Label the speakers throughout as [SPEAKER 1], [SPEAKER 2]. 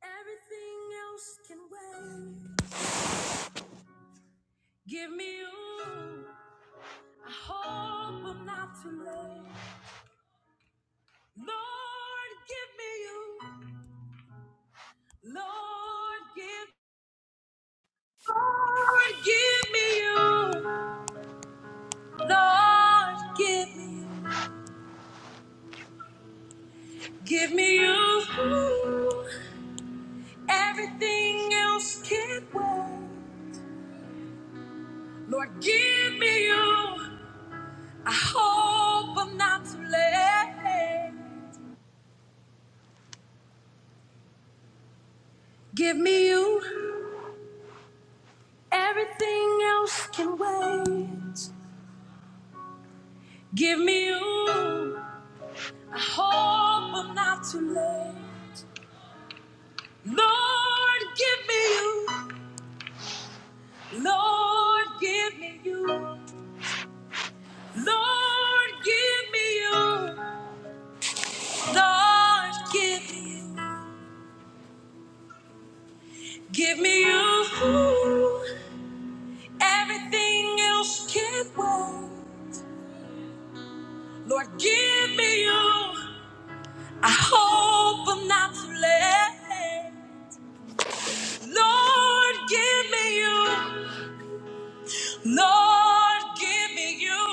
[SPEAKER 1] Everything else can wait. Give me you. I hope I'm not too late. Lord, give me you. Lord, give. Lord, give me you. Lord, give me you. Give me you. Everything else can wait. Lord, give me you. I hope I'm not too late. Give me you. Everything else can wait. Give me you. I hope I'm not too late. Lord, give me you. Lord, give me you. Lord, give me you. Lord, give me you. Give me you. Everything else can wait. Lord, give me you. I hope I'm not too late. Lord, give me you. Lord, give me you.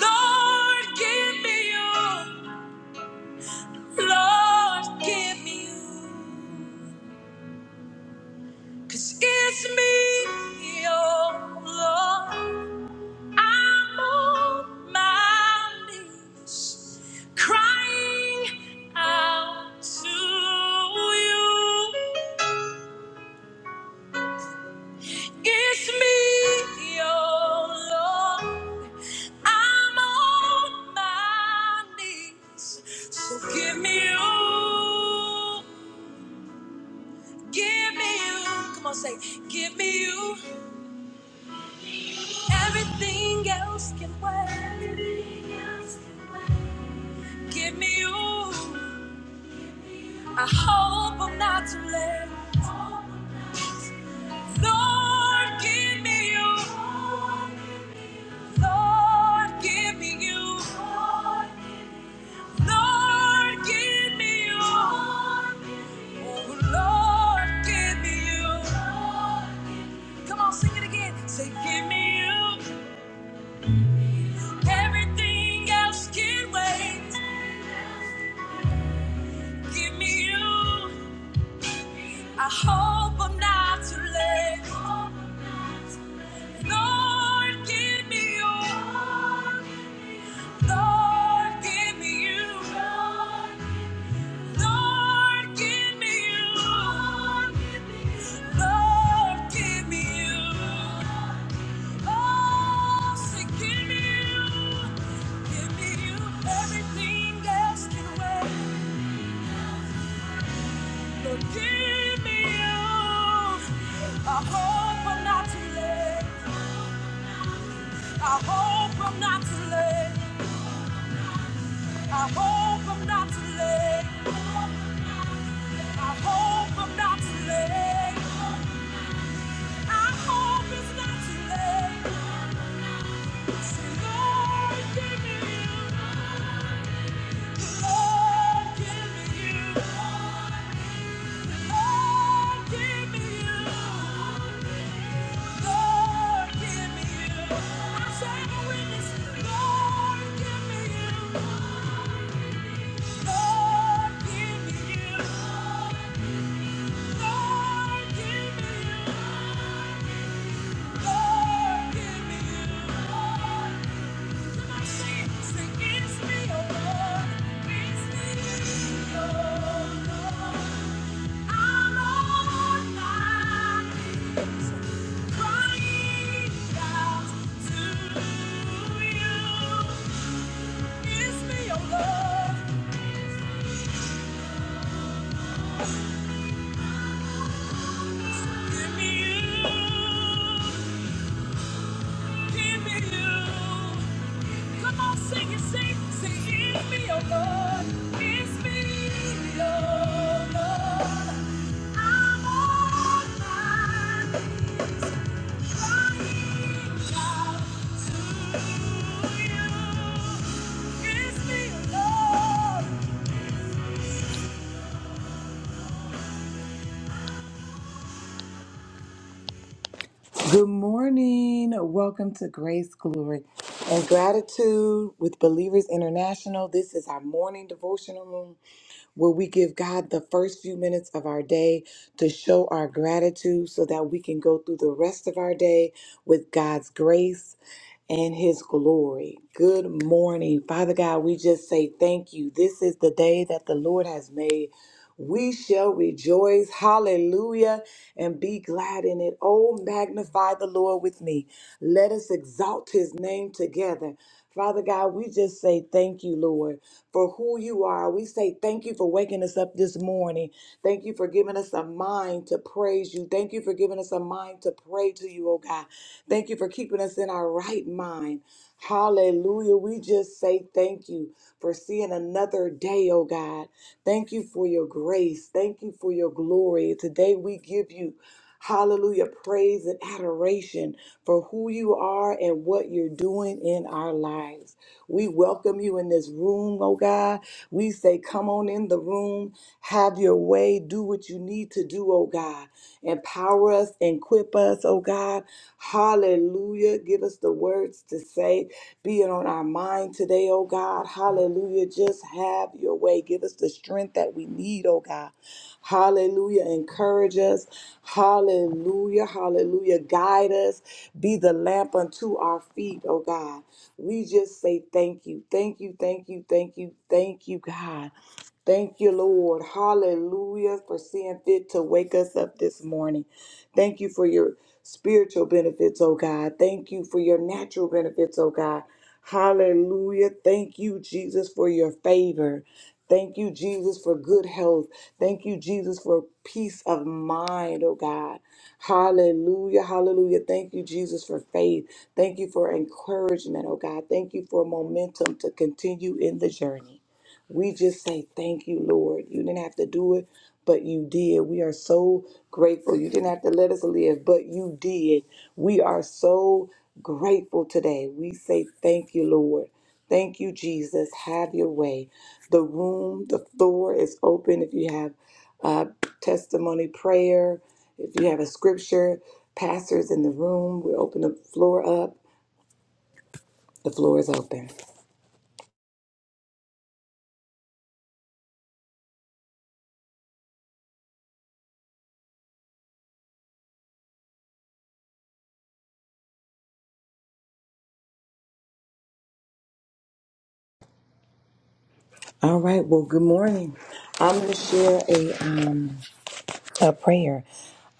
[SPEAKER 1] Lord, give me you. Lord, give me you. Cause it's me, oh Lord. I'm on my knees, crying out to you. It's me, oh Lord. I'm on my knees. So give me you. Give me you. Come on, say, give me you. Everything else can wait. Give me you. I hope I'm not too late. Lord, give me you. Lord, give me you. Lord, give me you. Oh, Lord, give me you. Come on, sing it again. Say, give me you. Everything else can wait. Give me you. I hope I'm not too late. Lord, give me you. Lord, give me you. Lord, give me you. Lord, give me you. Oh, say, give me you. Give me you. Everything else can wait. Lord, give me you. I hope I'm not too late. I hope I'm not too late. I hope I'm not too late. I hope I'm not too late. Lord, give me you. Give me you. Give me you. Come on, sing it, sing, sing it me, oh Lord. It's me, oh Lord. I'm on my knees, crying out to you. It's me, oh Lord. Good morning. Welcome to Grace, Glory, and Gratitude with Believers International. This is our morning devotional room where we give God the first few minutes of our day to show our gratitude so that we can go through the rest of our day with God's grace and his glory. Good morning. Father God, we just say thank you. This is the day that the Lord has made. We shall rejoice, hallelujah, and be glad in it. Oh, magnify the Lord with me. Let us exalt his name together. Father God, we just say thank you, Lord, for who you are. We say thank you for waking us up this morning. Thank you for giving us a mind to praise you. Thank you for giving us a mind to pray to you, oh God. Thank you for keeping us in our right mind. Hallelujah. We just say thank you for seeing another day, oh God. Thank you for your grace. Thank you for your glory. Today we give you, hallelujah, praise and adoration for who you are and what you're doing in our lives. We welcome you in this room, oh God. We say, come on in the room, have your way, do what you need to do, oh God. Empower us, equip us, oh God. Hallelujah. Give us the words to say. Be it on our mind today, oh God. Hallelujah. Just have your way. Give us the strength that we need, oh God. Hallelujah. Encourage us. Hallelujah. Hallelujah. Guide us. Be the lamp unto our feet, oh God. We just say thank you. Thank you, thank you, thank you, thank you, God. Thank you, Lord. Hallelujah for seeing fit to wake us up this morning. Thank you for your spiritual benefits, oh God. Thank you for your natural benefits, oh God. Hallelujah. Thank you, Jesus, for your favor. Thank you, Jesus, for good health. Thank you, Jesus, for peace of mind, oh God. Hallelujah, hallelujah. Thank you, Jesus, for faith. Thank you for encouragement, oh God. Thank you for momentum to continue in the journey. We just say thank you, Lord. You didn't have to do it, but you did. We are so grateful. You didn't have to let us live, but you did. We are so grateful today. We say thank you, Lord. Thank you, Jesus. Have your way. The room, the floor is open. If you have uh, testimony, prayer, if you have a scripture, pastors in the room, we open the floor up. The floor is open. All right. Well, good morning. I'm going to share a. Um, a prayer.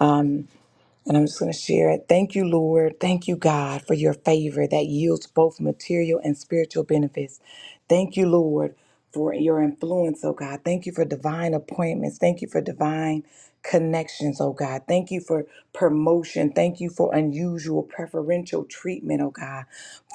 [SPEAKER 1] Um, and I'm just going to share it. Thank you, Lord. Thank you, God, for your favor that yields both material and spiritual benefits. Thank you, Lord, for your influence, oh God. Thank you for divine appointments. Thank you for divine connections, oh God. Thank you for promotion. Thank you for unusual preferential treatment, oh God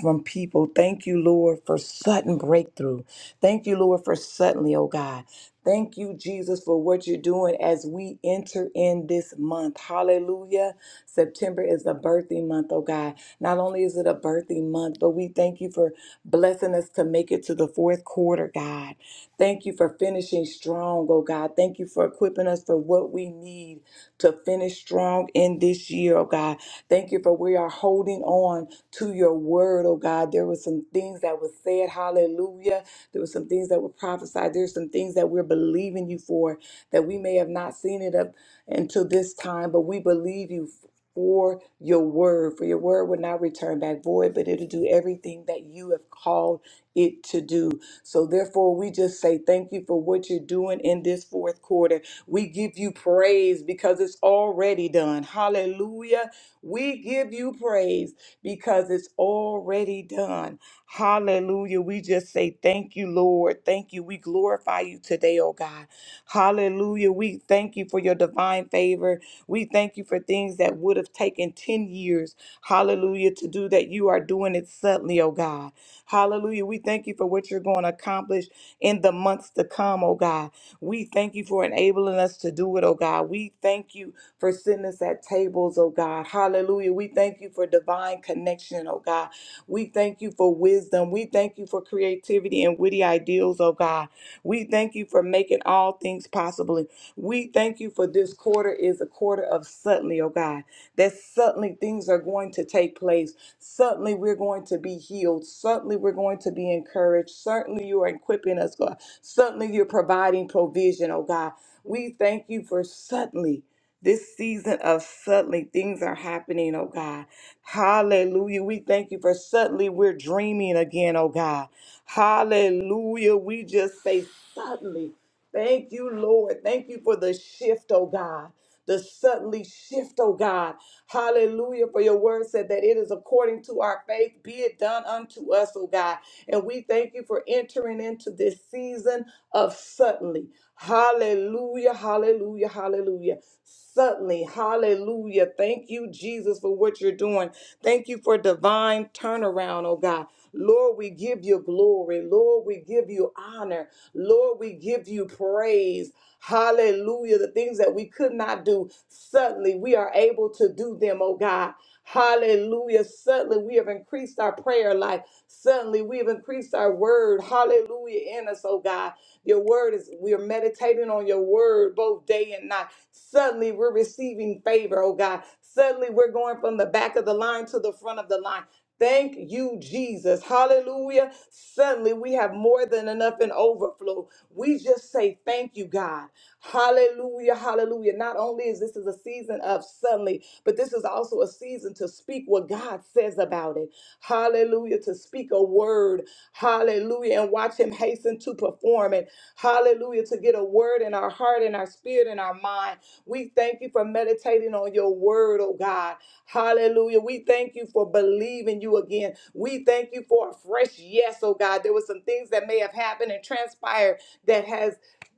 [SPEAKER 1] from people. Thank you, Lord, for sudden breakthrough. Thank you, Lord, for suddenly, oh God. Thank you, Jesus, for what you're doing as we enter in this month. Hallelujah. September is a birthing month, oh God. Not only is it a birthing month, but we thank you for blessing us to make it to the fourth quarter, God. Thank you for finishing strong, oh God. Thank you for equipping us for what we need to finish strong in this year, oh God. Thank you for we are holding on to your word, oh God. There were some things that were said, hallelujah. There were some things that were prophesied. There's some things that we're believing you for that we may have not seen it up until this time, but we believe you for your word. For your word will not return back void, but it'll do everything that you have called it to do. So therefore, we just say thank you for what you're doing in this fourth quarter. We give you praise because it's already done. Hallelujah. We give you praise because it's already done. Hallelujah. We just say thank you, Lord. Thank you. We glorify you today, oh God. Hallelujah. We thank you for your divine favor. We thank you for things that would have taken 10 years, hallelujah, to do that you are doing it suddenly, oh God. Hallelujah. We thank you for what you're going to accomplish in the months to come, oh God. We thank you for enabling us to do it, oh God. We thank you for sitting us at tables, oh God. Hallelujah. We thank you for divine connection, oh God. We thank you for wisdom. We thank you for creativity and witty ideals, oh God. We thank you for making all things possible. We thank you for this quarter is a quarter of suddenly, oh God, that suddenly things are going to take place. Suddenly we're going to be healed. Suddenly we're going to be encouraged. Certainly you are equipping us, God. Certainly you're providing provision, oh God. We thank you for suddenly. This season of suddenly things are happening, oh God. Hallelujah. We thank you for suddenly we're dreaming again, oh God. Hallelujah. We just say suddenly. Thank you, Lord. Thank you for the shift, oh God. The suddenly shift, oh God. Hallelujah. For your word said that it is according to our faith, be it done unto us, oh God. And we thank you for entering into this season of suddenly. Hallelujah, hallelujah, hallelujah. Suddenly, hallelujah. Thank you, Jesus, for what you're doing. Thank you for divine turnaround, oh God. Lord, we give you glory. Lord, we give you honor. Lord, we give you praise. Hallelujah. The things that we could not do, suddenly we are able to do them, oh God. Hallelujah. Suddenly we have increased our prayer life. Suddenly we have increased our word. Hallelujah in us, oh God. Your word is, we are meditating on your word both day and night. Suddenly we're receiving favor, oh God. Suddenly we're going from the back of the line to the front of the line. Thank you, Jesus. Hallelujah. Suddenly we have more than enough in overflow. We just say thank you, God. Hallelujah. Hallelujah. Not only is this is a season of suddenly, but this is also a season to speak what God says about it. Hallelujah. To speak a word. Hallelujah. And watch him hasten to perform it. Hallelujah. To get a word in our heart and our spirit and our mind. We thank you for meditating on your word, oh God. Hallelujah. We thank you for believing you again. We thank you for a fresh yes, oh God. There were some things that may have happened and transpired that has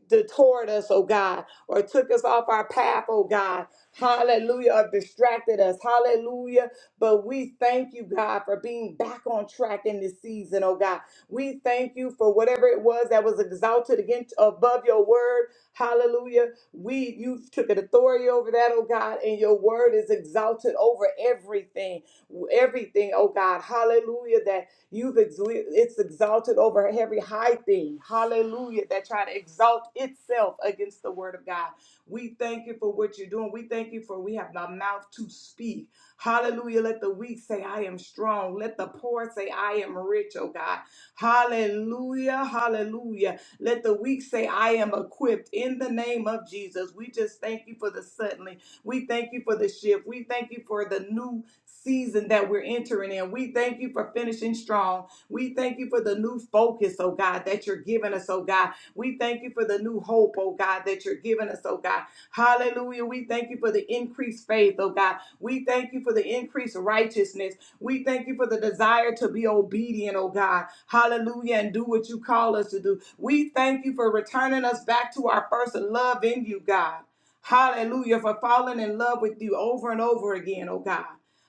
[SPEAKER 1] detoured us, oh God, or took us off our path, oh God. Hallelujah, or distracted us. Hallelujah. But we thank you, God, for being back on track in this season, oh God. We thank you for whatever it was that was exalted against above your word. Hallelujah. We you took an authority over that, oh God, and your word is exalted over everything. Everything, oh God. Hallelujah. That you've ex- it's exalted over every high thing. Hallelujah. That try to exalt itself against the word of God. We thank you for what you're doing. We thank you for we have the mouth to speak. Hallelujah. Let the weak say, I am strong. Let the poor say, I am rich, oh God. Hallelujah. Hallelujah. Let the weak say, I am equipped in the name of Jesus. We just thank you for the suddenly. We thank you for the shift. We thank you for the new season that we're entering in. We thank you for finishing strong. We thank you for the new focus, oh God, that you're giving us, oh God. We thank you for the new hope, oh God, that you're giving us, oh God. Hallelujah. We thank you for the increased faith, oh God. We thank you for the increased righteousness. We thank you for the desire to be obedient, oh God. Hallelujah. And do what you call us to do. We thank you for returning us back to our first love in you, God. Hallelujah. For falling in love with you over and over again, oh God.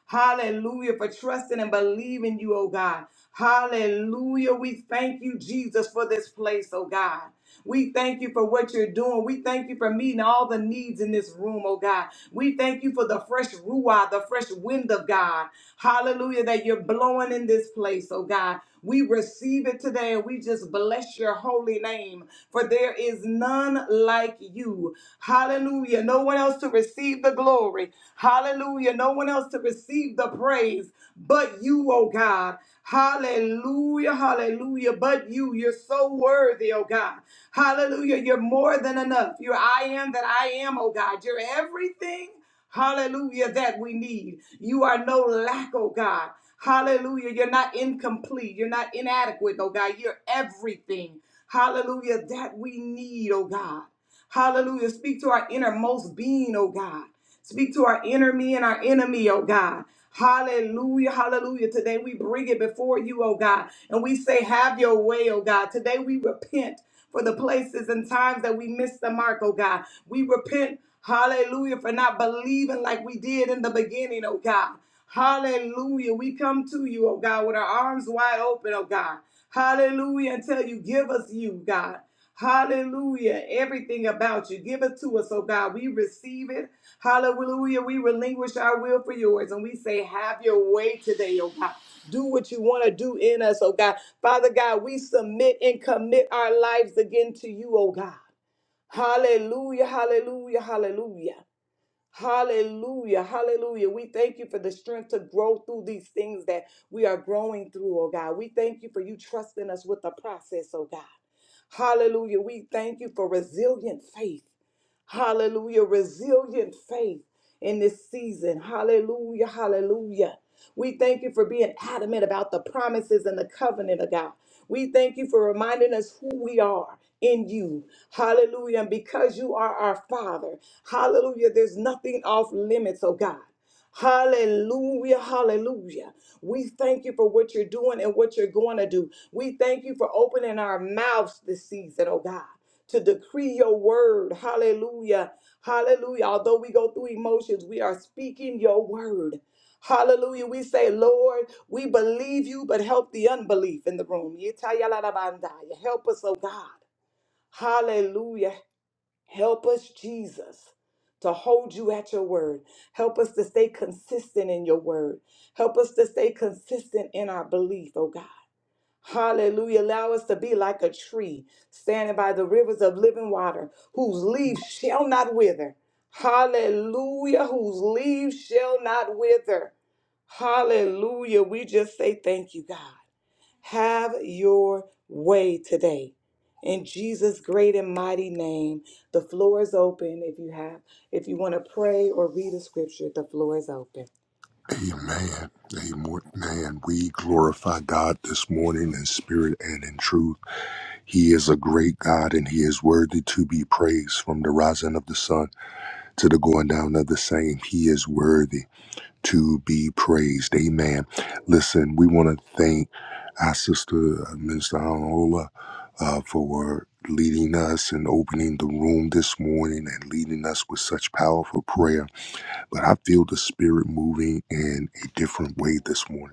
[SPEAKER 1] Hallelujah. For trusting and believing you, oh God. Hallelujah. We thank you, Jesus, for this place, oh God. We thank you for what you're doing. We thank you for meeting all the needs in this room, oh God. We thank you for the fresh ruah, the fresh wind of God. Hallelujah, that you're blowing in this place, oh God. We receive it today and we just bless your holy name, for there is none like you. Hallelujah. No one else to receive the glory. Hallelujah. No one else to receive the praise but you, oh God. Hallelujah. Hallelujah. But you, you're so worthy, oh God. Hallelujah. You're more than enough. You're I am that I am, oh God. You're everything, hallelujah, that we need. You are no lack, oh God. Hallelujah. You're not incomplete. You're not inadequate, oh God. You're everything, hallelujah, that we need, oh God. Hallelujah. Speak to our innermost being, oh God. Speak to our inner me and our enemy, oh God. Hallelujah, hallelujah. Today we bring it before you, oh God, and we say, Have your way, oh God. Today we repent for the places and times that we missed the mark, oh God. We repent, hallelujah, for not believing like we did in the beginning, oh God. Hallelujah. We come to you, oh God, with our arms wide open, oh God. Hallelujah. Until you give us you, God. Hallelujah. Everything about you. Give it to us, oh God. We receive it. Hallelujah. We relinquish our will for yours and we say, Have your way today, oh God. Do what you want to do in us, oh God. Father God, we submit and commit our lives again to you, oh God. Hallelujah, hallelujah, hallelujah. Hallelujah, hallelujah. We thank you for the strength to grow through these things that we are growing through, oh God. We thank you for you trusting us with the process, oh God. Hallelujah. We thank you for resilient faith. Hallelujah. Resilient faith in this season. Hallelujah, hallelujah. We thank you for being adamant about the promises and the covenant of God. We thank you for reminding us who we are in you. Hallelujah. And because you are our Father, hallelujah, there's nothing off limits, oh God. Hallelujah, hallelujah. We thank you for what you're doing and what you're going to do. We thank you for opening our mouths this season, oh God, to decree your word. Hallelujah, hallelujah. Although we go through emotions, we are speaking your word. Hallelujah. We say, Lord, we believe you, but help the unbelief in the room. Yitayalarabandaya. Help us, oh God. Hallelujah. Help us, Jesus, to hold you at your word. Help us to stay consistent in your word. Help us to stay consistent in our belief, oh God. Hallelujah. Allow us to be like a tree standing by the rivers of living water, whose leaves shall not wither. Hallelujah. Whose leaves shall not wither. Hallelujah. We just say thank you, God. Have your way today. In Jesus' great and mighty name, the floor is open. If you have, if you want to pray or read a scripture, the floor is open.
[SPEAKER 2] Amen. Amen. We glorify God this morning in spirit and in truth. He is a great God and he is worthy to be praised from the rising of the sun to the going down of the same. He is worthy to be praised. Amen. Listen, we want to thank our sister, uh, Minister Anola, uh, for leading us and opening the room this morning and leading us with such powerful prayer. But I feel the spirit moving in a different way this morning.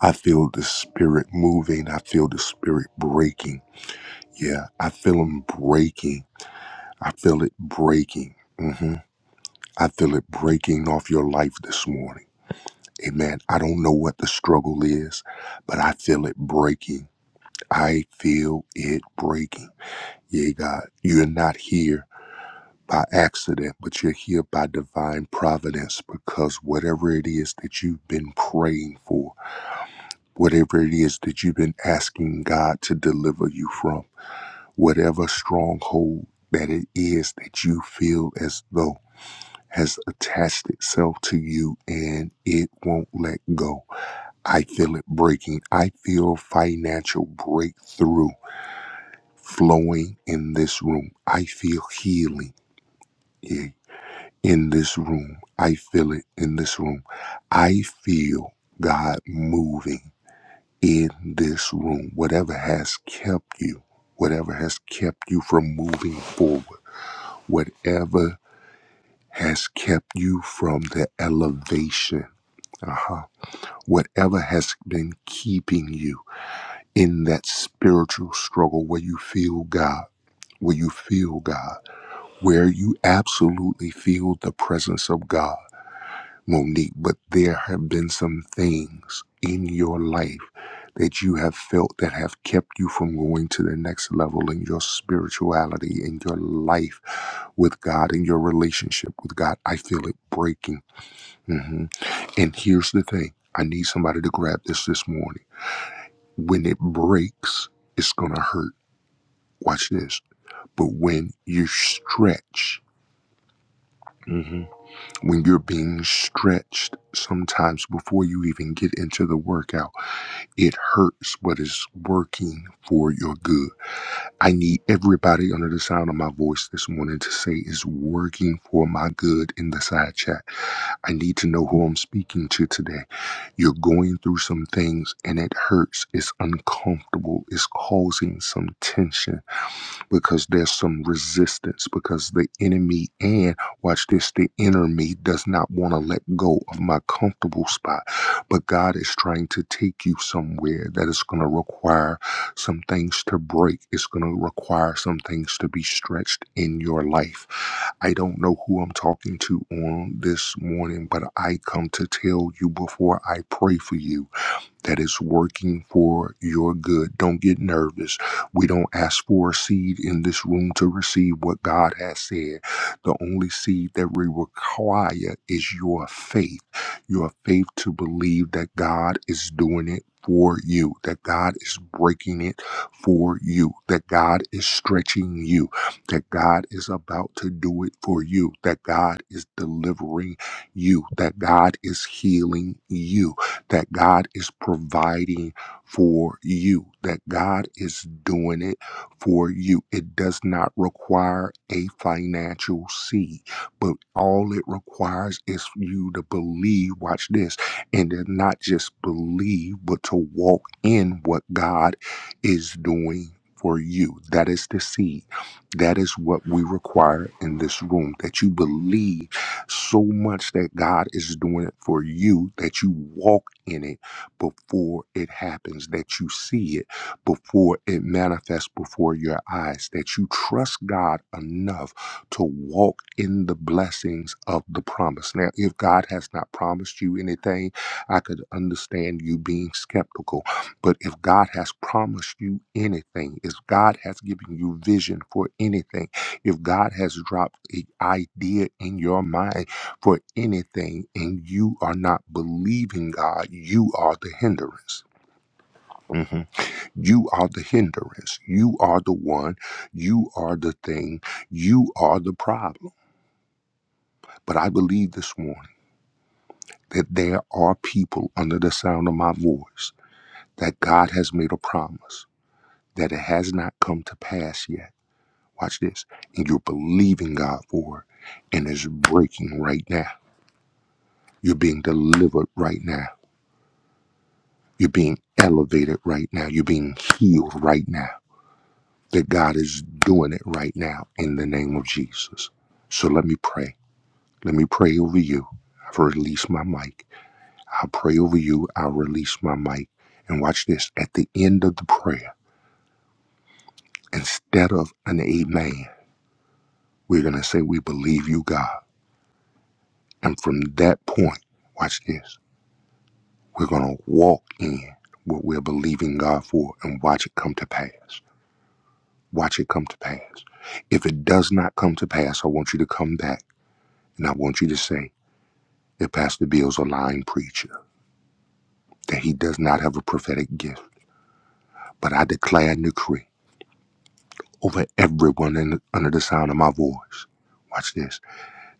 [SPEAKER 2] I feel the spirit moving. I feel the spirit breaking. Yeah, I feel him breaking. I feel it breaking. hmm I feel it breaking off your life this morning. Amen. I don't know what the struggle is, but I feel it breaking. I feel it breaking. Yea, God, you're not here by accident, but you're here by divine providence because whatever it is that you've been praying for, whatever it is that you've been asking God to deliver you from, whatever stronghold that it is that you feel as though has attached itself to you and it won't let go. I feel it breaking. I feel financial breakthrough flowing in this room. I feel healing i- in this room. I feel it in this room. I feel God moving. in this room, whatever has kept you, whatever has kept you from moving forward, whatever has kept you from the elevation, uh-huh. whatever has been keeping you in that spiritual struggle where you feel God, where you feel God, where you absolutely feel the presence of God Monique, but there have been some things in your life that you have felt that have kept you from going to the next level in your spirituality, in your life with God, in your relationship with God. I feel it breaking. hmm And here's the thing I need somebody to grab this this morning. When it breaks, it's going to hurt. Watch this. But when you stretch, mhm, when you're being stretched, sometimes before you even get into the workout, It hurts, but it's working for your good. I need everybody under the sound of my voice this morning to say it's working for my good in the side chat. I need to know who I'm speaking to today. You're going through some things and it hurts. It's uncomfortable. It's causing some tension because there's some resistance because the enemy and watch this the inner me does not want to let go of my comfortable spot but god is trying to take you somewhere that is going to require some things to break it's going to require some things to be stretched in your life i don't know who i'm talking to on this morning but i come to tell you before i pray for you that is working for your good. Don't get nervous. We don't ask for a seed in this room to receive what God has said. The only seed that we require is your faith, your faith to believe that God is doing it. For you, that God is breaking it for you, that God is stretching you, that God is about to do it for you, that God is delivering you, that God is healing you that God is providing for you, that God is doing it for you. It does not require a financial seed, but all it requires is for you to believe, watch this, and to not just believe, but to walk in what God is doing for you. That is the seed. That is what we require in this room, that you believe so much that God is doing it for you that you walk in it before it happens, that you see it before it manifests before your eyes, that you trust God enough to walk in the blessings of the promise. Now, if God has not promised you anything, I could understand you being skeptical. But if God has promised you anything, if God has given you vision for anything, if God has dropped an idea in your mind for anything and you are not believing God, you are the hindrance. Mhm. You are the hindrance. You are the one. You are the thing. You are the problem. But I believe this morning that there are people under the sound of my voice that God has made a promise that it has not come to pass yet. Watch this. And you're believing God for it and it's breaking right now You're being delivered right now. You're being elevated right now. You're being healed right now. That God is doing it right now in the name of Jesus. So let me pray. Let me pray over you. I've released my mic. I'll pray over you. I'll release my mic. And watch this. At the end of the prayer, instead of an amen, we're going to say, We believe you, God. And from that point, watch this. We're going to walk in what we're believing God for and watch it come to pass. Watch it come to pass. If it does not come to pass, I want you to come back and I want you to say that Pastor Bill's a lying preacher, that he does not have a prophetic gift. But I declare and decree over everyone in, under the sound of my voice, watch this,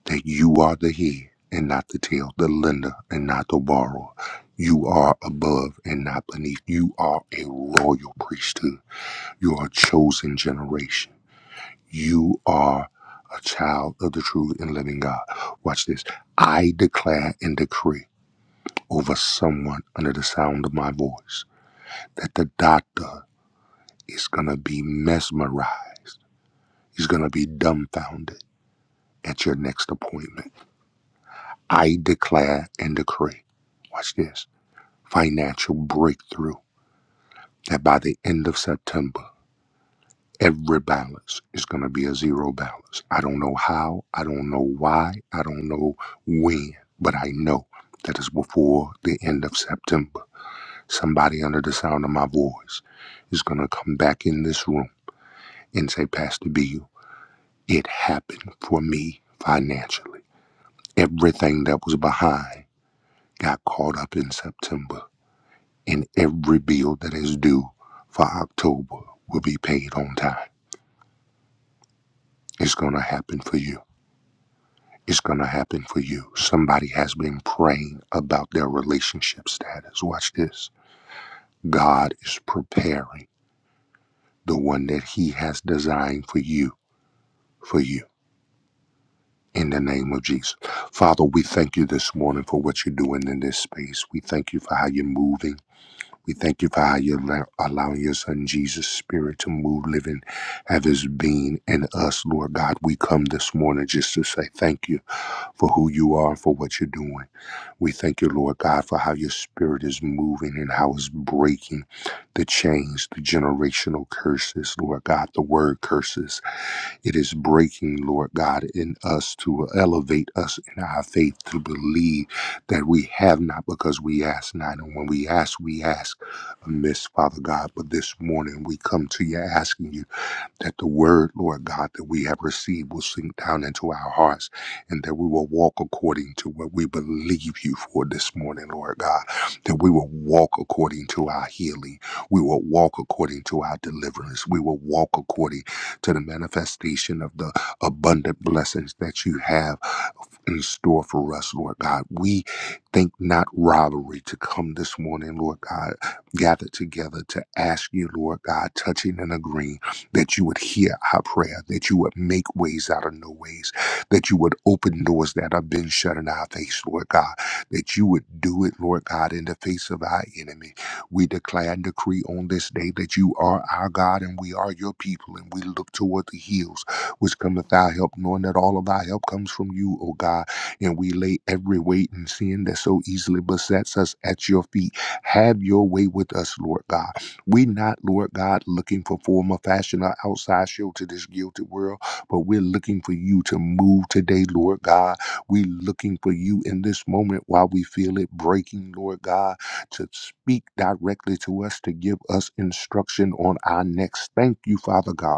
[SPEAKER 2] that you are the head and not the tail, the lender and not the borrower. You are above and not beneath. You are a royal priesthood. You are a chosen generation. You are a child of the true and living God. Watch this. I declare and decree over someone under the sound of my voice that the doctor is going to be mesmerized. He's going to be dumbfounded at your next appointment. I declare and decree. Watch this. Financial breakthrough that by the end of September, Every balance is going to be a zero balance. I don't know how, I don't know why, I don't know when, but I know that it's before the end of September. Somebody under the sound of my voice is going to come back in this room and say, Pastor Bill, it happened for me financially. Everything that was behind got caught up in September, and every bill that is due for October will be paid on time. It's going to happen for you. It's going to happen for you. Somebody has been praying about their relationship status. Watch this. God is preparing the one that He has designed for you, for you. In the name of Jesus. Father, we thank you this morning for what you're doing in this space. We thank you for how you're moving. We thank you for how you're allow- allowing your son Jesus' spirit to move, living, have his being in us, Lord God. We come this morning just to say thank you for who you are, for what you're doing. We thank you, Lord God, for how your spirit is moving and how it's breaking the chains, the generational curses, Lord God, the word curses. It is breaking, Lord God, in us to elevate us in our faith to believe that we have not because we ask not. And when we ask, we ask amiss, Father God. But this morning we come to you asking you that the word, Lord God, that we have received will sink down into our hearts and that we will walk according to what we believe you for this morning, Lord God. That we will walk according to our healing. We will walk according to our deliverance. We will walk according to the manifestation of the abundant blessings that you have in store for us, Lord God. We think not robbery to come this morning, Lord God, gathered together to ask you, Lord God, touching and agreeing, that you would hear our prayer, that you would make ways out of no ways, that you would open doors that have been shut in our face, Lord God, that you would do it, Lord God, in the face of our enemy. We declare and decree on this day that you are our God and we are your people, and we look toward the hills which cometh thy help, knowing that all of thy help comes from you, O God. And we lay every weight and sin that so easily besets us at your feet. Have your way with us, Lord God. We not, Lord God, looking for form or fashion or outside show to this guilty world, but we're looking for you to move today, Lord God. We're looking for you in this moment while we feel it breaking, Lord God, to speak directly to us, to give us instruction on our next. Thank you, Father God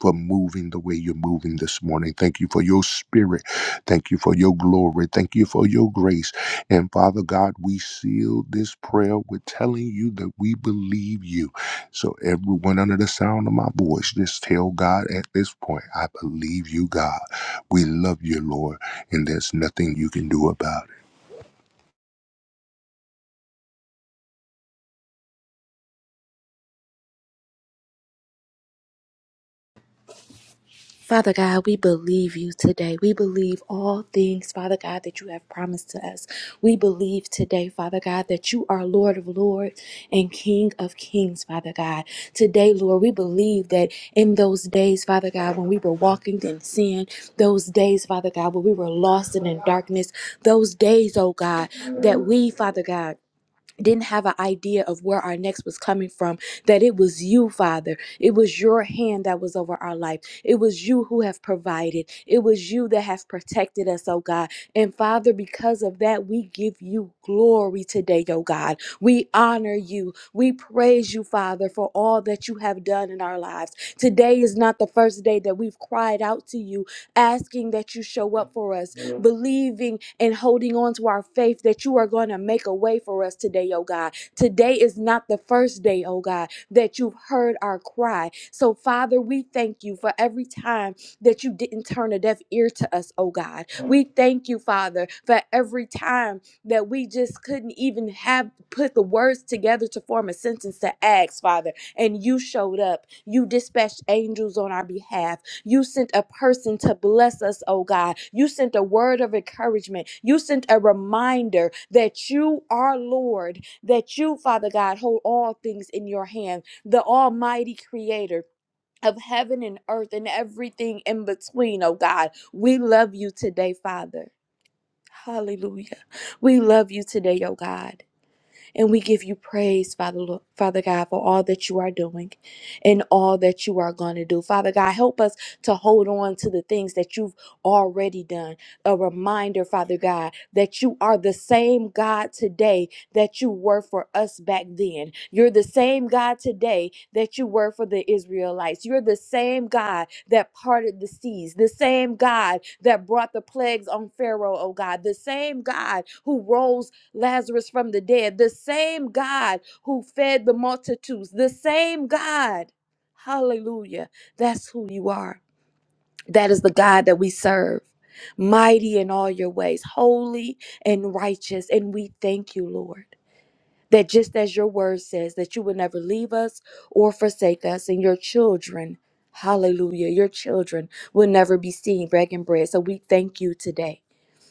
[SPEAKER 2] for moving the way you're moving this morning. Thank you for your spirit. Thank you for your glory. Thank you for your grace. And Father God, we seal this prayer with telling you that we believe you. So, everyone under the sound of my voice, just tell God at this point, I believe you, God. We love you, Lord, and there's nothing you can do about
[SPEAKER 3] Father God, we believe you today. We believe all things, Father God, that you have promised to us. We believe today, Father God, that you are Lord of lords and King of kings, Father God. Today, Lord, we believe that in those days, Father God, when we were walking in sin, those days, Father God, when we were lost and in darkness, those days, oh God, that we, Father God, didn't have an idea of where our next was coming from that it was you father it was your hand that was over our life it was you who have provided it was you that have protected us oh god and father because of that we give you glory today oh god we honor you we praise you father for all that you have done in our lives today is not the first day that we've cried out to you asking that you show up for us, believing and holding on to our faith that you are going to make a way for us today, oh God. Today is not the first day, oh God, that you've heard our cry. So, Father, we thank you for every time that you didn't turn a deaf ear to us, oh God. We thank you, Father, for every time that we just couldn't even have put the words together to form a sentence to ask, Father. And you showed up. You dispatched angels on our behalf you sent a person to bless us, oh God. You sent a word of encouragement. You sent a reminder that you are Lord, that you, Father God, hold all things in your hand, the Almighty Creator. Of heaven and earth and everything in between, oh God. We love you today, Father. Hallelujah. We love you today, oh God. And we give you praise, Father, Lo- Father God, for all that you are doing and all that you are going to do. Father God, help us to hold on to the things that you've already done. A reminder, Father God, that you are the same God today that you were for us back then. You're the same God today that you were for the Israelites. You're the same God that parted the seas, the same God that brought the plagues on Pharaoh, oh God, the same God who rose Lazarus from the dead, the same God who fed the multitudes, the same God. Hallelujah. That's who you are. That is the God that we serve, mighty in all your ways, holy and righteous. And we thank you, Lord, that just as your word says, that you will never leave us or forsake us, and your children, hallelujah, your children will never be seen begging bread. So we thank you today.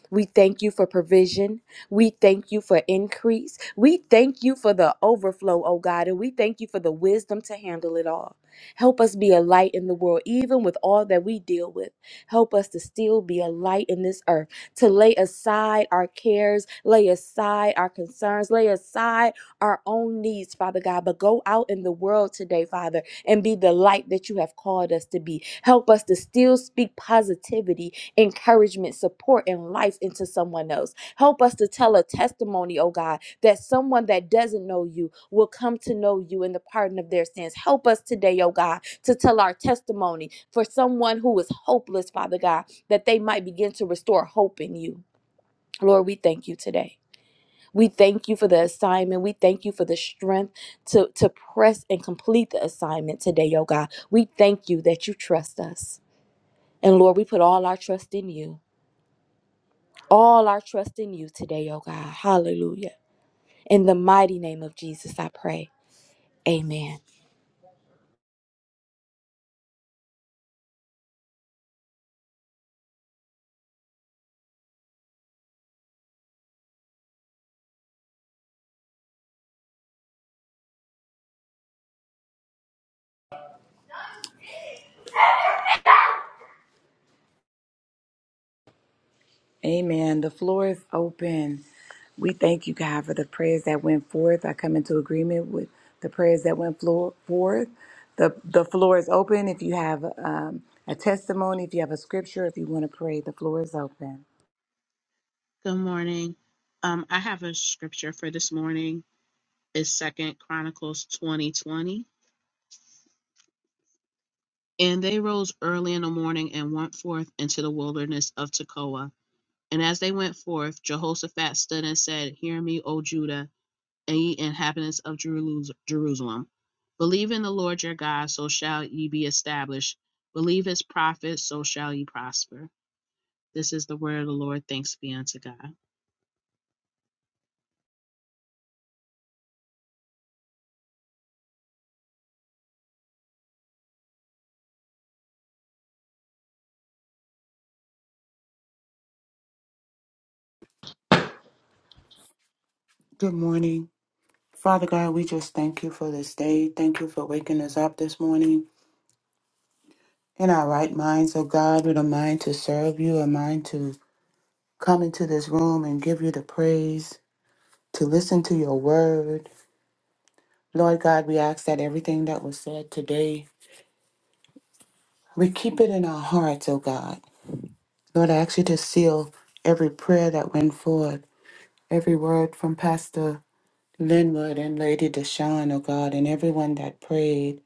[SPEAKER 3] We thank you for provision. We thank you for increase. We thank you for the overflow, oh God, and we thank you for the wisdom to handle it all. Help us be a light in the world, even with all that we deal with. Help us to still be a light in this earth, to lay aside our cares, lay aside our concerns, lay aside our own needs, Father God, but go out in the world today, Father, and be the light that you have called us to be. Help us to still speak positivity encouragement, support, and life into someone else. Help us to tell a testimony, oh God, that someone that doesn't know you will come to know you in the pardon of their sins. Help us today, oh God, to tell our testimony for someone who is hopeless, Father God, that they might begin to restore hope in you. Lord, we thank you today. We thank you for the assignment. We thank you for the strength to, to press and complete the assignment today, oh God. We thank you that you trust us. And Lord, we put all our trust in you all our trust in you today, oh God. Hallelujah. In the mighty name of Jesus, I pray. Amen.
[SPEAKER 1] Amen. The floor is open. We thank you, God, for the prayers that went forth. I come into agreement with the prayers that went floor, forth. The, the floor is open. If you have um, a testimony, if you have a scripture, if you want to pray, the floor is open.
[SPEAKER 4] Good morning. Um, I have a scripture for this morning. It's Second Chronicles twenty twenty. And they rose early in the morning and went forth into the wilderness of Tekoa. And as they went forth, Jehoshaphat stood and said, Hear me, O Judah, and ye inhabitants of Jerus- Jerusalem. Believe in the Lord your God, so shall ye be established. Believe his prophets, so shall ye prosper. This is the word of the Lord. Thanks be unto God.
[SPEAKER 5] Good morning. Father God, we just thank you for this day. Thank you for waking us up this morning in our right minds, oh God, with a mind to serve you, a mind to come into this room and give you the praise, to listen to your word. Lord God, we ask that everything that was said today, we keep it in our hearts, oh God. Lord, I ask you to seal every prayer that went forth, every word from Pastor Linwood and Lady Deshawn, oh God, and everyone that prayed.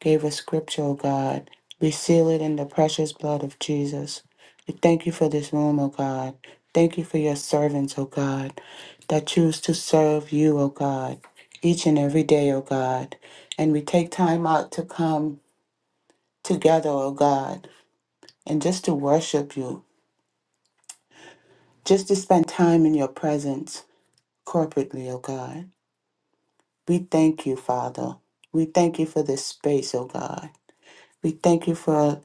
[SPEAKER 5] gave us scripture, O God. We seal it in the precious blood of Jesus. We thank you for this room, O God. Thank you for your servants, O God, that choose to serve you, O God, each and every day, O God. And we take time out to come together, O God, and just to worship you, just to spend time in your presence corporately, O God. We thank you, Father. We thank you for this space, O God. We thank you for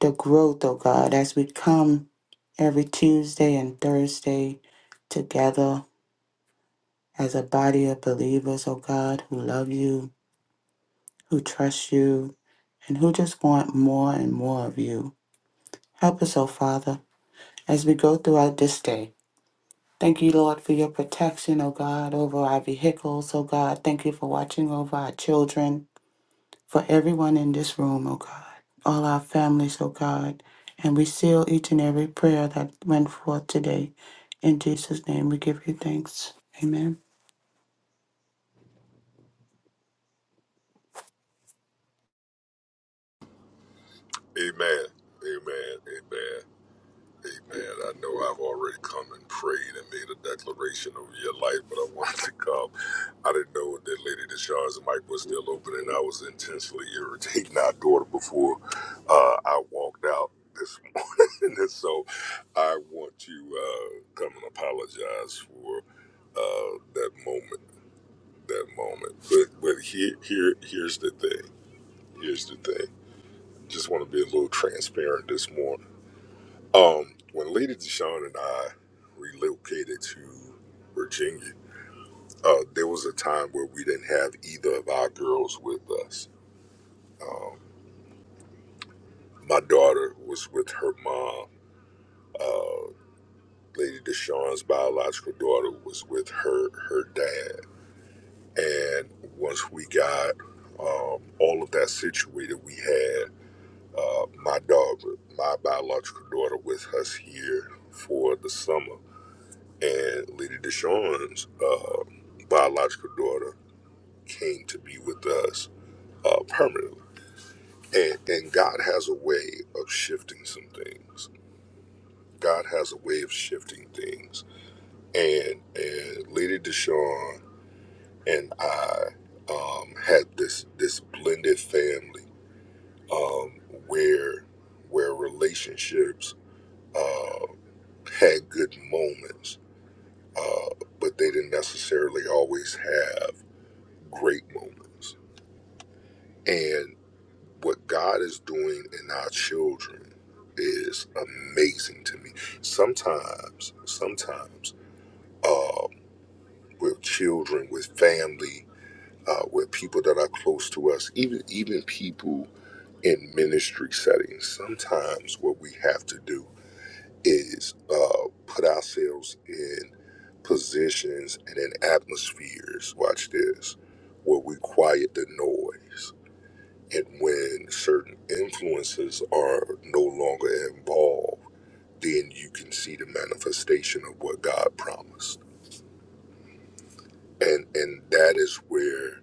[SPEAKER 5] the growth, oh God, as we come every Tuesday and Thursday together as a body of believers, oh God, who love you, who trust you, and who just want more and more of you. Help us, oh Father, as we go throughout this day. Thank you, Lord, for your protection, oh God, over our vehicles, oh God. Thank you for watching over our children. for everyone in this room, oh God, all our families, oh God. And we seal each and every prayer that went forth today. In Jesus' name, we give you thanks. Amen.
[SPEAKER 2] it. Amen. Amen. Amen. Amen. I know I've already come and prayed and made a declaration over your life, but I wanted to come. I didn't know that Lady Deshawn's mic was still open, and I was intentionally irritating our daughter before uh, I walked out this morning. and so I want to uh, come and apologize for uh, that moment. That moment. But but here here here's the thing. Here's the thing. Just want to be a little transparent this morning um, when Lady Deshawn and I relocated to Virginia, uh, there was a time where we didn't have either of our girls with us. Um, my daughter was with her mom. Uh, Lady Deshawn's biological daughter was with her her dad. And once we got um, all of that situated, we had uh, my daughter, my biological daughter, with us here for the summer and Lady Deshawn's uh, biological daughter came to be with us uh, permanently. And, and God has a way of shifting some things. God has a way of shifting things. And and Lady Deshawn and I um, had this this blended family um, where where relationships uh, had good moments, uh, but they didn't necessarily always have. great moments. And what God is doing in our children is amazing to me. Sometimes, sometimes, uh, with children, with family, uh, with people that are close to us, even even people in ministry settings, sometimes what we have to do is uh, put ourselves in positions and in atmospheres. Watch this, where we quiet the noise And when certain influences are no longer involved, then you can see the manifestation of what God promised. And and that is where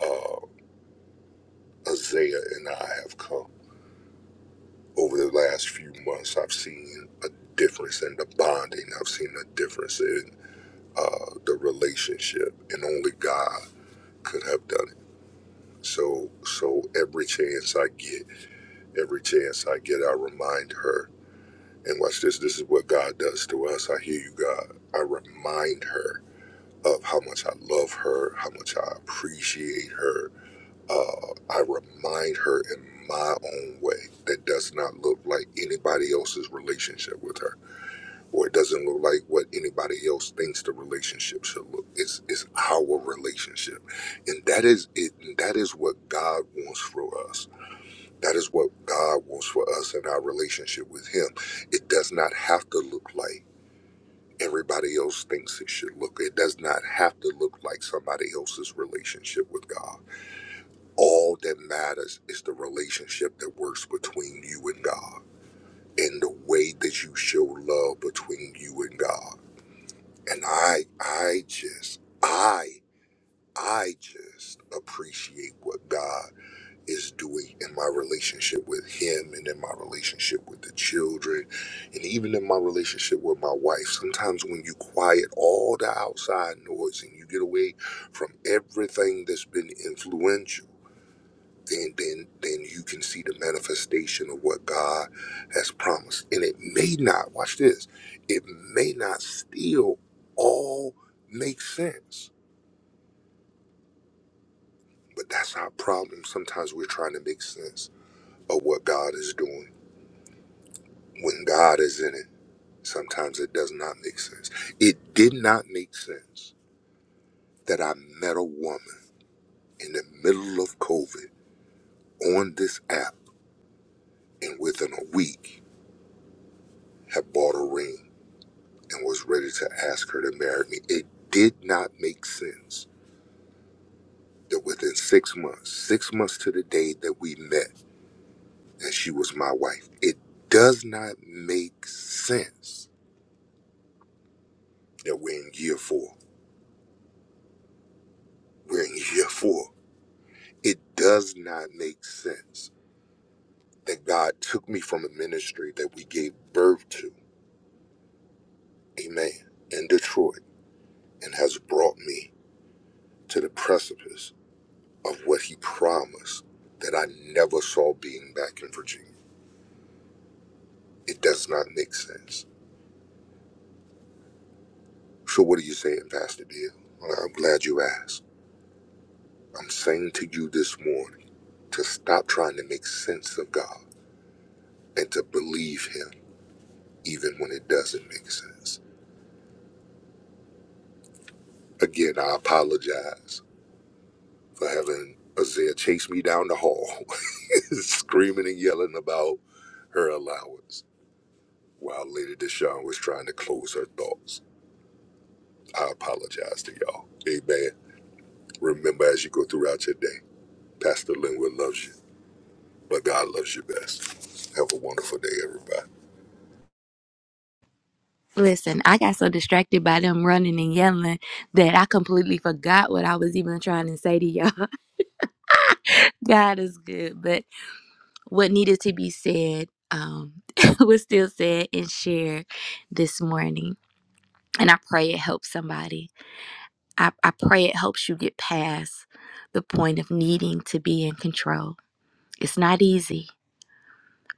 [SPEAKER 2] uh, Isaiah and I have come. Over the last few months, I've seen a difference in the bonding. I've seen a difference in uh, the relationship, and only God could have done it. So, so every chance I get, every chance I get, I remind her And watch this. This is what God does to us. I hear you, God. I remind her of how much I love her, how much I appreciate her. Uh, I remind her in my own way that does not look like anybody else's relationship with her, or it doesn't look like what anybody else thinks the relationship should look. It's it's our relationship, and that is it. That is what God wants for us that is what God wants for us in our relationship with Him. It does not have to look like everybody else thinks it should look. It does not have to look like somebody else's relationship with God. All that matters is the relationship that works between you and God and the way that you show love between you and God. And I, I just, I, I just appreciate what God is doing in my relationship with him and in my relationship with the children and even in my relationship with my wife. Sometimes when you quiet all the outside noise and you get away from everything that's been influential, then then then you can see the manifestation of what God has promised. And it may not, watch this, it may not still all make sense. But that's our problem. Sometimes we're trying to make sense of what God is doing When God is in it, sometimes it does not make sense. It did not make sense that I met a woman in the middle of COVID on this app and within a week had bought a ring and was ready to ask her to marry me. It did not make sense that within six months, six months to the day that we met, and she was my wife. It does not make sense that we're in year four. We're in year four. It does not make sense that God took me from a ministry that we gave birth to, amen, in Detroit, and has brought me to the precipice of what He promised that I never saw being back in Virginia. It does not make sense. So, what are you saying, Pastor Bill? Well, I'm glad you asked. I'm saying to you this morning to stop trying to make sense of God and to believe Him even when it doesn't make sense. Again, I apologize for having Isaiah chase me down the hall, screaming and yelling about her allowance while Lady Deshawn was trying to close her thoughts. I apologize to y'all. Amen. Remember as you go throughout your day, Pastor Linwood loves you, but God loves you best. Have a wonderful day, everybody.
[SPEAKER 3] Listen, I got so distracted by them running and yelling that I completely forgot what I was even trying to say to y'all. God is good, but what needed to be said um, was still said and shared this morning. And I pray it helps somebody. I, I pray it helps you get past the point of needing to be in control. It's not easy.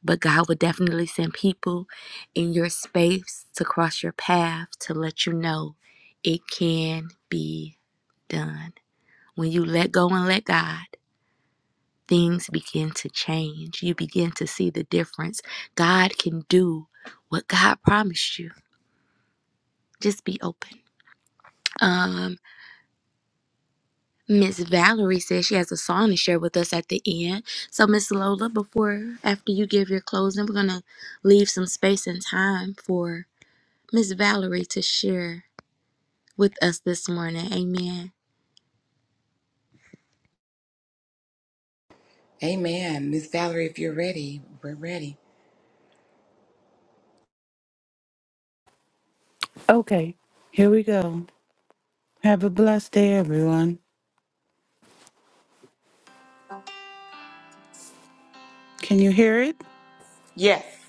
[SPEAKER 3] But God will definitely send people in your space to cross your path to let you know it can be done. When you let go and let God, things begin to change. You begin to see the difference. God can do what God promised you. Just be open. Um, Miss Valerie says she has a song to share with us at the end. So Miss Lola, before after you give your closing, we're gonna leave some space and time for Miss Valerie to share with us this morning. Amen.
[SPEAKER 1] Amen. Miss Valerie, if you're ready, we're ready.
[SPEAKER 5] Okay, here we go. Have a blessed day, everyone. Can you hear it?
[SPEAKER 1] Yes.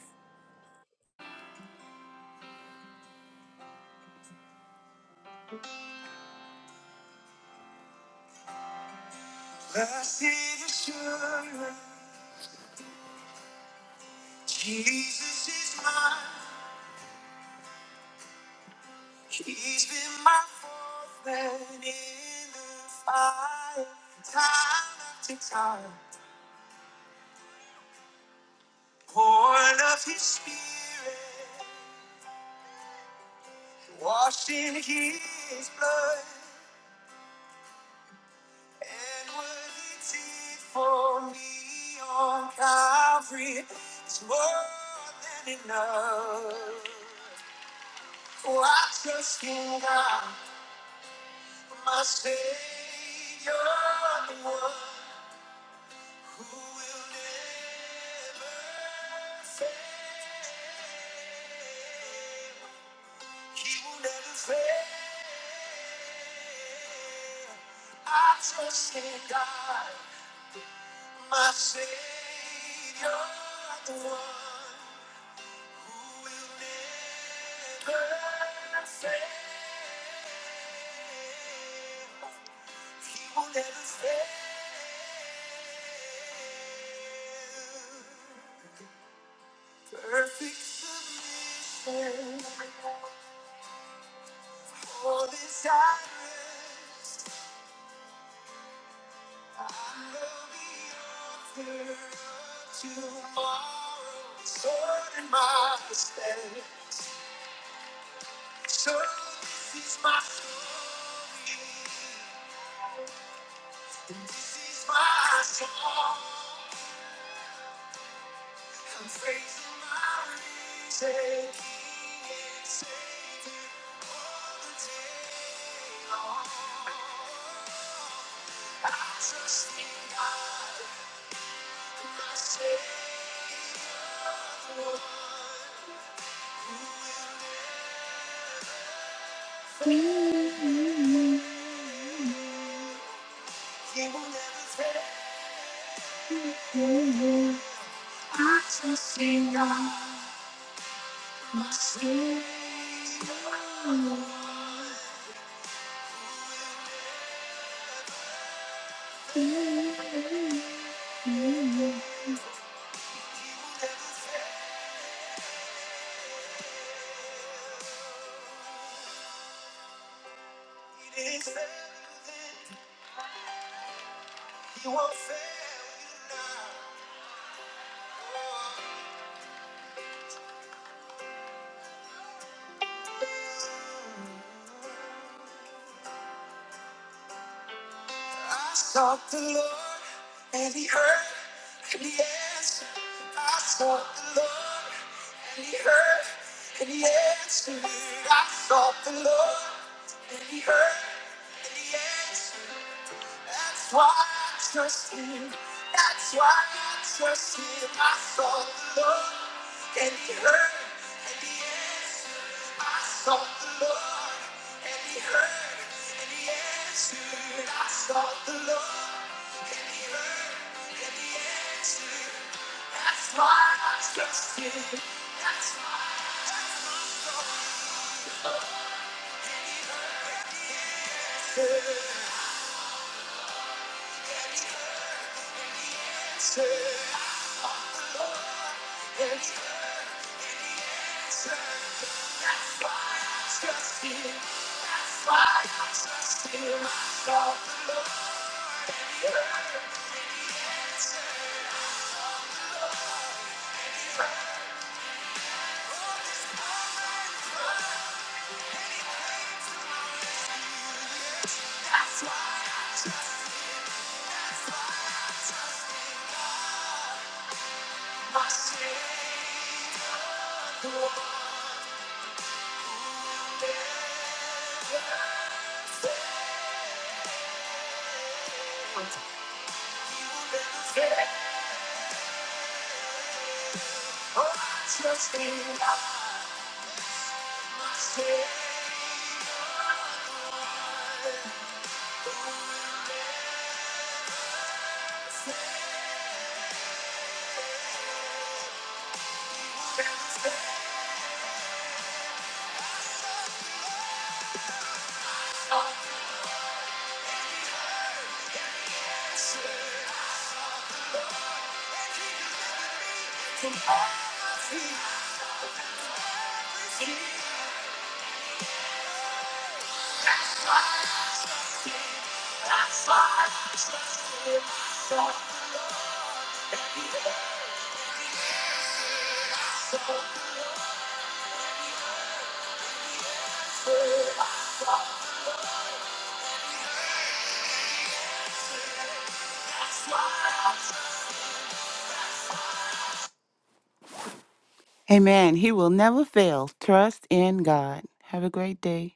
[SPEAKER 5] Amen. He will never fail. Trust in God. Have a great day.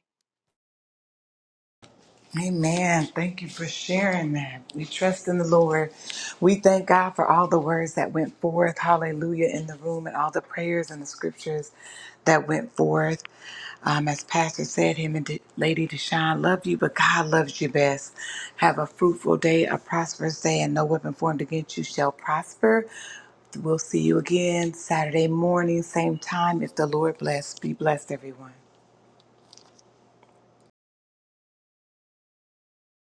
[SPEAKER 1] Amen. Thank you for sharing that. We trust in the Lord. We thank God for all the words that went forth. Hallelujah. In the room and all the prayers and the scriptures that went forth. Um, as Pastor said, him and De- Lady Deshawn love you, but God loves you best. Have a fruitful day, a prosperous day, and no weapon formed against you shall prosper. We'll see you again Saturday morning, same time, if the Lord bless. Be blessed, everyone.